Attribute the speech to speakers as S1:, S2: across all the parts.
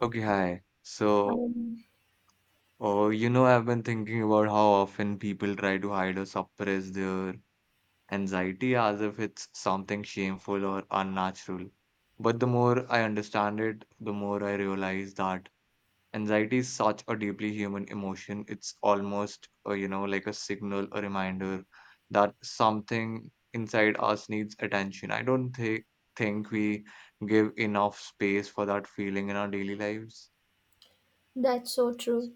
S1: Okay, hi. So,
S2: Um,
S1: uh, you know, I've been thinking about how often people try to hide or suppress their anxiety as if it's something shameful or unnatural. But the more I understand it, the more I realize that anxiety is such a deeply human emotion. It's almost like a signal, a reminder that something inside us needs attention. I don't think we give enough space for that feeling in our daily lives.
S2: that's so true.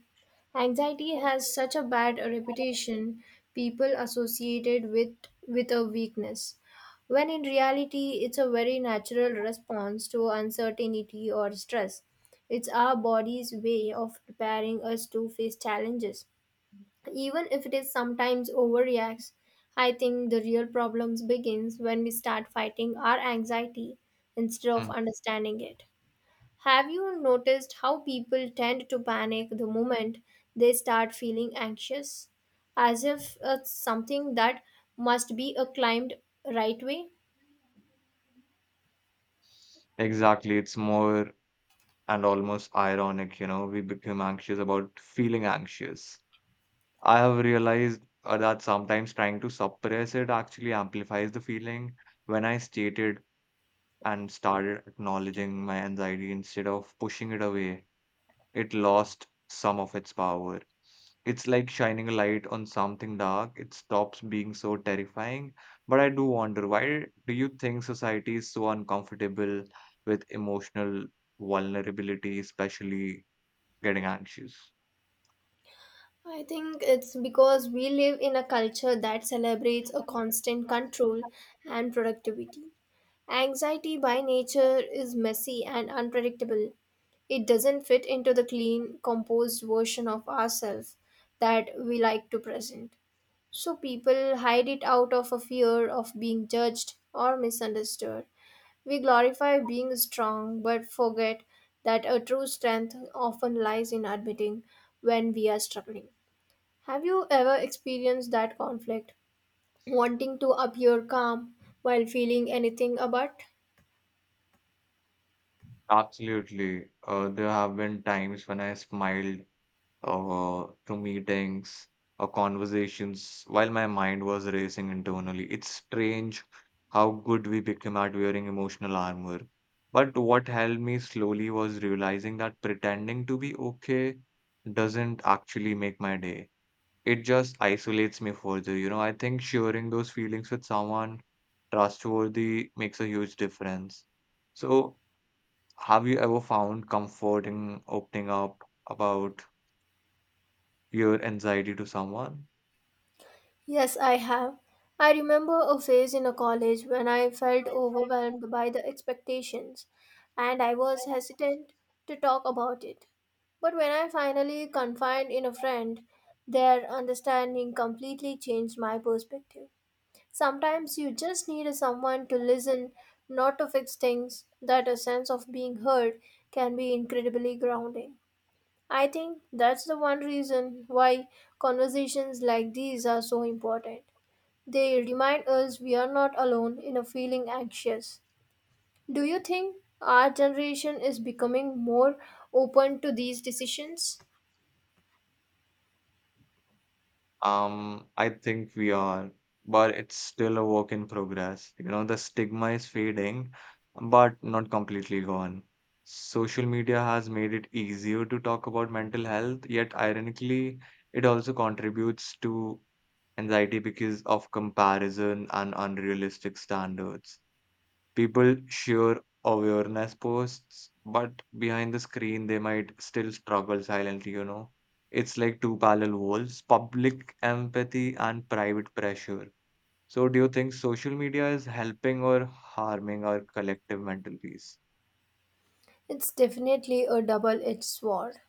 S2: Anxiety has such a bad reputation, people associated with a weakness. When in reality it's a very natural response to uncertainty or stress. It's our body's way of preparing us to face challenges. Even if it is sometimes overreacts, I think the real problems begins when we start fighting our anxiety instead of understanding it. Have you noticed how people tend to panic the moment they start feeling anxious? As if it's something that must be acclaimed right way?
S1: Exactly. It's more and almost ironic, you know, we become anxious about feeling anxious. I have realized that sometimes trying to suppress it actually amplifies the feeling. When I stated and started acknowledging my anxiety instead of pushing it away, it lost some of its power. It's like shining a light on something dark. It stops being so terrifying. But I do wonder, why do you think society is so uncomfortable with emotional vulnerability, especially getting anxious?
S2: I think it's because we live in a culture that celebrates a constant control and productivity. Anxiety by nature is messy and unpredictable. It doesn't fit into the clean, composed version of ourselves that we like to present. So people hide it out of a fear of being judged or misunderstood. We glorify being strong but forget that a true strength often lies in admitting when we are struggling. Have you ever experienced that conflict? Wanting to appear calm while feeling anything but?
S1: Absolutely. There have been times when I smiled to meetings or conversations while my mind was racing internally. It's strange how good we became at wearing emotional armor. But what helped me slowly was realizing that pretending to be okay doesn't actually make my day. It just isolates me further. You know, I think sharing those feelings with someone trustworthy makes a huge difference. So, have you ever found comfort in opening up about your anxiety to someone?
S2: Yes, I have. I remember a phase in a college when I felt overwhelmed by the expectations and I was hesitant to talk about it. But when I finally confided in a friend, their understanding completely changed my perspective. Sometimes you just need someone to listen, not to fix things, that a sense of being heard can be incredibly grounding. I think that's the one reason why conversations like these are so important. They remind us we are not alone in a feeling anxious. Do you think our generation is becoming more open to these decisions?
S1: I think we are, but it's still a work in progress. You know, the stigma is fading, but not completely gone. Social media has made it easier to talk about mental health, yet ironically, it also contributes to anxiety because of comparison and unrealistic standards. People share awareness posts, but behind the screen, they might still struggle silently, you know. It's like two parallel walls: public empathy and private pressure. So, do you think social media is helping or harming our collective mental peace?
S2: It's definitely a double edged sword.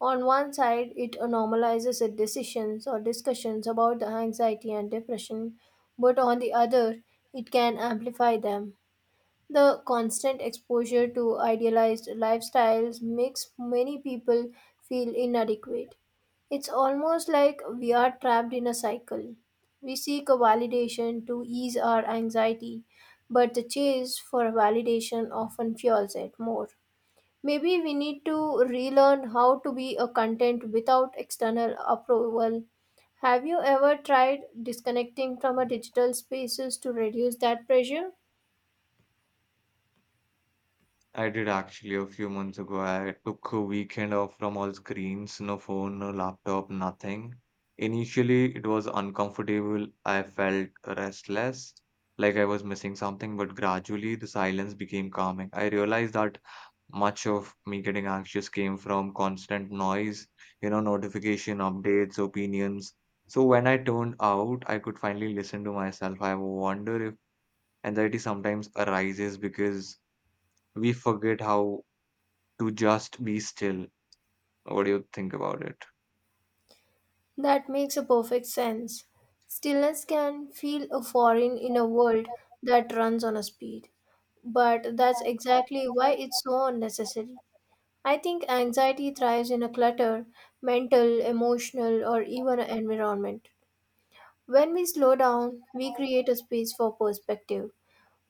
S2: On one side, it normalizes the decisions or discussions about the anxiety and depression, but on the other, it can amplify them. The constant exposure to idealized lifestyles makes many people feel inadequate. It's almost like we are trapped in a cycle. We seek a validation to ease our anxiety, but the chase for validation often fuels it more. Maybe we need to relearn how to be a content without external approval. Have you ever tried disconnecting from a digital spaces to reduce that pressure?
S1: I did actually a few months ago. I took a weekend off from all screens, no phone, no laptop, nothing. Initially, it was uncomfortable. I felt restless, like I was missing something, but gradually the silence became calming. I realized that much of me getting anxious came from constant noise, you know, notification, updates, opinions. So when I turned out, I could finally listen to myself. I wonder if anxiety sometimes arises because we forget how to just be still. What do you think about it?
S2: That makes a perfect sense. Stillness can feel a foreign in a world that runs on a speed. But that's exactly why it's so unnecessary. I think anxiety thrives in a clutter, mental, emotional, or even an environment. When we slow down, we create a space for perspective.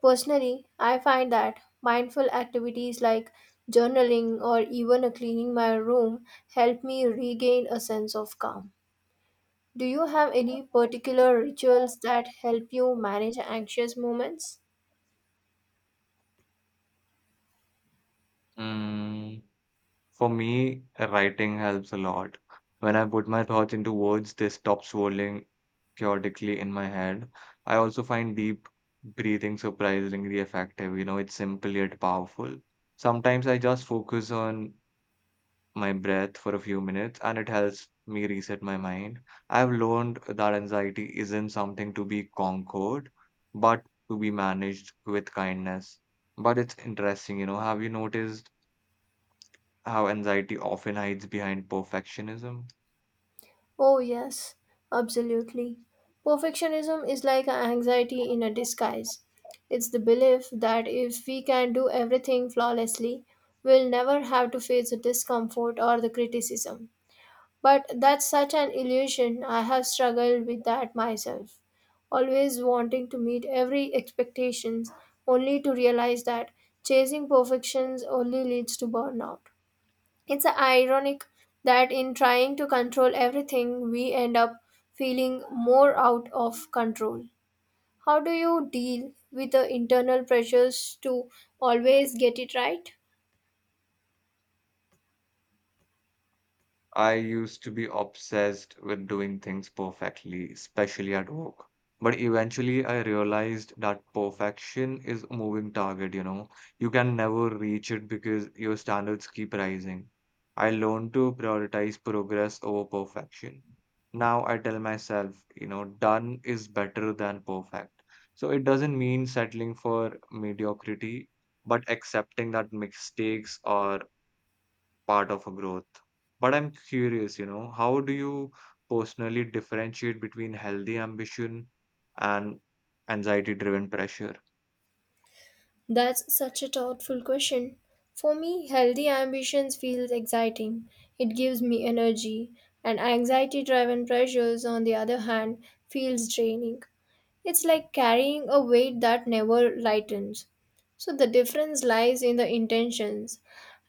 S2: Personally, I find that mindful activities like journaling or even a cleaning my room help me regain a sense of calm. Do you have any particular rituals that help you manage anxious moments?
S1: Mm. For me, writing helps a lot. When I put my thoughts into words, they stop swirling chaotically in my head. I also find deep breathing surprisingly effective. You know, it's simple yet powerful. Sometimes I just focus on my breath for a few minutes and it helps me reset my mind. I've learned that anxiety isn't something to be conquered, but to be managed with kindness. But it's interesting, you know, have you noticed how anxiety often hides behind perfectionism?
S2: Oh, yes, absolutely. Perfectionism is like an anxiety in a disguise. It's the belief that if we can do everything flawlessly, we'll never have to face the discomfort or the criticism. But that's such an illusion. I have struggled with that myself. Always wanting to meet every expectations only to realize that chasing perfections only leads to burnout. It's ironic that in trying to control everything we end up feeling more out of control. How do you deal with the internal pressures to always get it right?
S1: I used to be obsessed with doing things perfectly, especially at work. But eventually, I realized that perfection is a moving target, you know. You can never reach it because your standards keep rising. I learned to prioritize progress over perfection. Now I tell myself, you know, done is better than perfect. So it doesn't mean settling for mediocrity, but accepting that mistakes are part of a growth. But I'm curious, you know, how do you personally differentiate between healthy ambition and anxiety-driven pressure?
S2: That's such a thoughtful question. For me, healthy ambitions feels exciting. It gives me energy, and anxiety-driven pressures, on the other hand, feels draining. It's like carrying a weight that never lightens. So the difference lies in the intentions.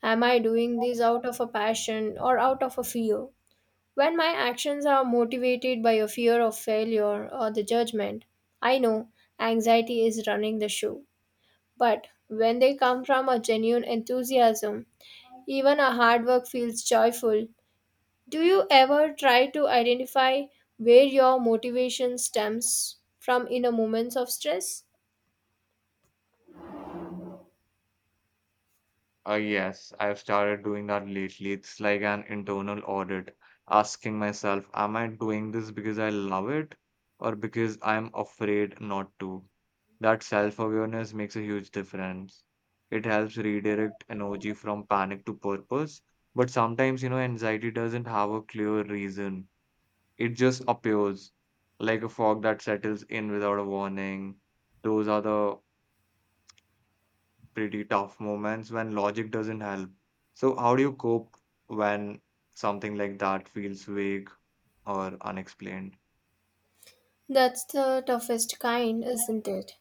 S2: Am I doing this out of a passion or out of a fear? When my actions are motivated by a fear of failure or the judgment, I know anxiety is running the show. But when they come from a genuine enthusiasm, even a hard work feels joyful. Do you ever try to identify where your motivation stems from in a moments of stress?
S1: Yes, I've started doing that lately. It's like an internal audit, asking myself, am I doing this because I love it or because I'm afraid not to? That self-awareness makes a huge difference. It helps redirect energy from panic to purpose. But sometimes, you know, anxiety doesn't have a clear reason. It just appears like a fog that settles in without a warning. Those are the pretty tough moments when logic doesn't help. So, how do you cope when something like that feels vague or unexplained?
S2: That's the toughest kind, isn't it?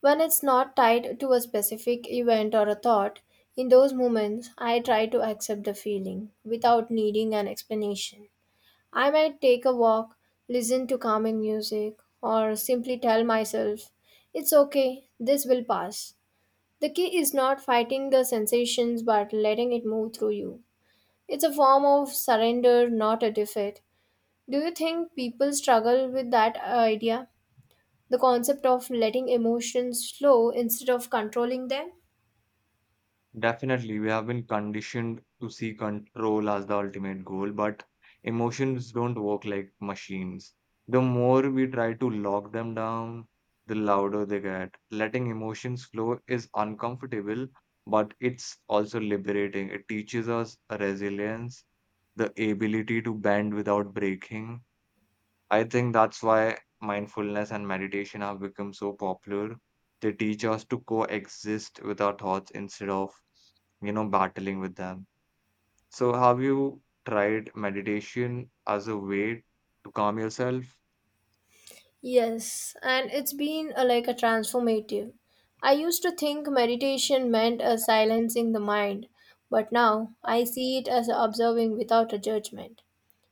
S2: When it's not tied to a specific event or a thought, in those moments I try to accept the feeling without needing an explanation. I might take a walk, listen to calming music, or simply tell myself, it's okay, this will pass. The key is not fighting the sensations but letting it move through you. It's a form of surrender, not a defeat. Do you think people struggle with that idea? The concept of letting emotions flow instead of controlling them?
S1: Definitely, we have been conditioned to see control as the ultimate goal, but emotions don't work like machines. The more we try to lock them down, the louder they get. Letting emotions flow is uncomfortable, but it's also liberating. It teaches us resilience, the ability to bend without breaking. I think that's why mindfulness and meditation have become so popular. They teach us to coexist with our thoughts instead of, you know, battling with them. So, have you tried meditation as a way to calm yourself?
S2: Yes, and it's been a, like a transformative. I used to think meditation meant a silencing the mind, but now I see it as observing without a judgment.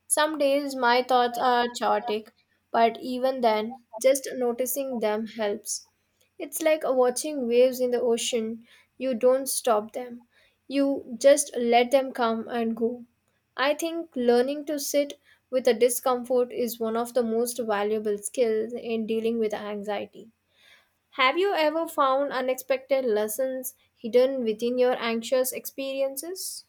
S2: Some days my thoughts are chaotic, but even then, just noticing them helps. It's like watching waves in the ocean. You don't stop them, you just let them come and go. I think learning to sit with a discomfort is one of the most valuable skills in dealing with anxiety. Have you ever found unexpected lessons hidden within your anxious experiences?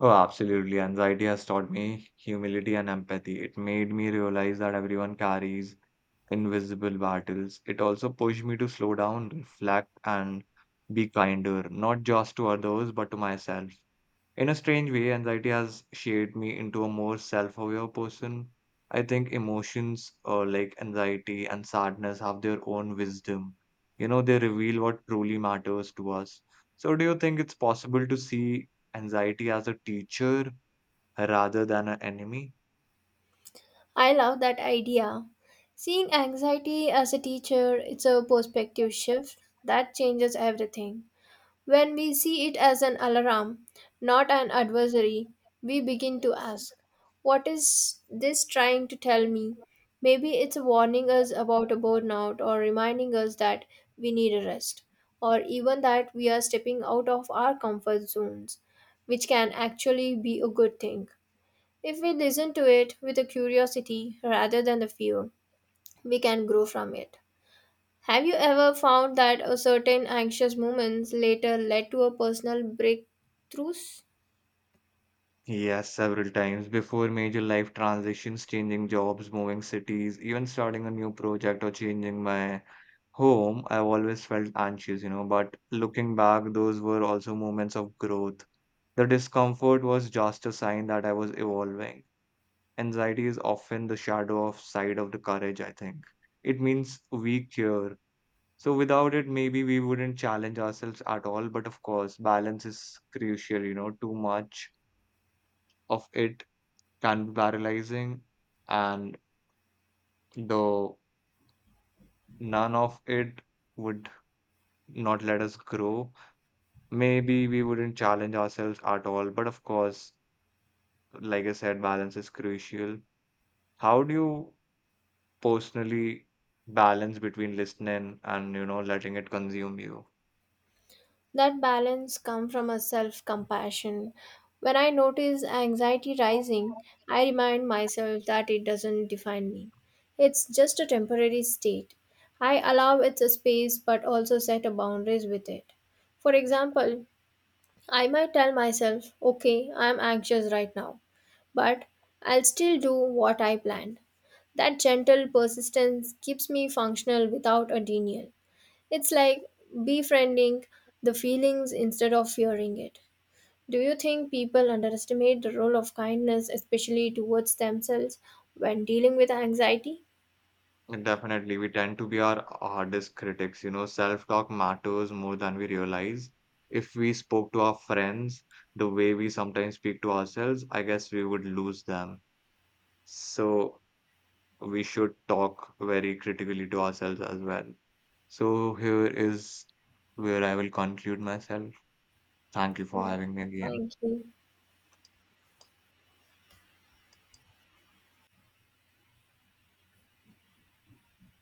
S1: Oh, absolutely. Anxiety has taught me humility and empathy. It made me realize that everyone carries invisible battles. It also pushed me to slow down, reflect, and be kinder, not just to others, but to myself. In a strange way, anxiety has shaped me into a more self aware person. I think emotions like anxiety and sadness have their own wisdom. You know, they reveal what truly matters to us. So, do you think it's possible to see anxiety as a teacher rather than an enemy?
S2: I love that idea. Seeing anxiety as a teacher, it's a perspective shift that changes everything. When we see it as an alarm, not an adversary, we begin to ask, what is this trying to tell me? Maybe it's warning us about a burnout or reminding us that we need a rest, or even that we are stepping out of our comfort zones, which can actually be a good thing. If we listen to it with a curiosity rather than the fear, we can grow from it. Have you ever found that a certain anxious moments later led to a personal breakthroughs?
S1: Yes, several times before major life transitions, changing jobs, moving cities, even starting a new project or changing my home, I've always felt anxious, you know, but looking back, those were also moments of growth. The discomfort was just a sign that I was evolving. Anxiety is often the shadow of side of the courage, I think. It means weak here. So without it, maybe we wouldn't challenge ourselves at all. But of course, balance is crucial, you know, too much of it can be paralyzing, and though none of it would not let us grow. Maybe we wouldn't challenge ourselves at all, but of course, like I said, balance is crucial. How do you personally balance between listening and, you know, letting it consume you?
S2: That balance come from a self-compassion. When I notice anxiety rising, I remind myself that it doesn't define me. It's just a temporary state. I allow it a space but also set a boundaries with it. For example, I might tell myself, okay, I'm anxious right now, but I'll still do what I planned. That gentle persistence keeps me functional without a denial. It's like befriending the feelings instead of fearing it. Do you think people underestimate the role of kindness, especially towards themselves, when dealing with anxiety?
S1: Definitely, we tend to be our hardest critics. You know, self-talk matters more than we realize. If we spoke to our friends the way we sometimes speak to ourselves, I guess we would lose them. So we should talk very critically to ourselves as well. So here is where I will conclude myself. Thank you for
S2: Yeah,
S1: having me again.
S2: thank you.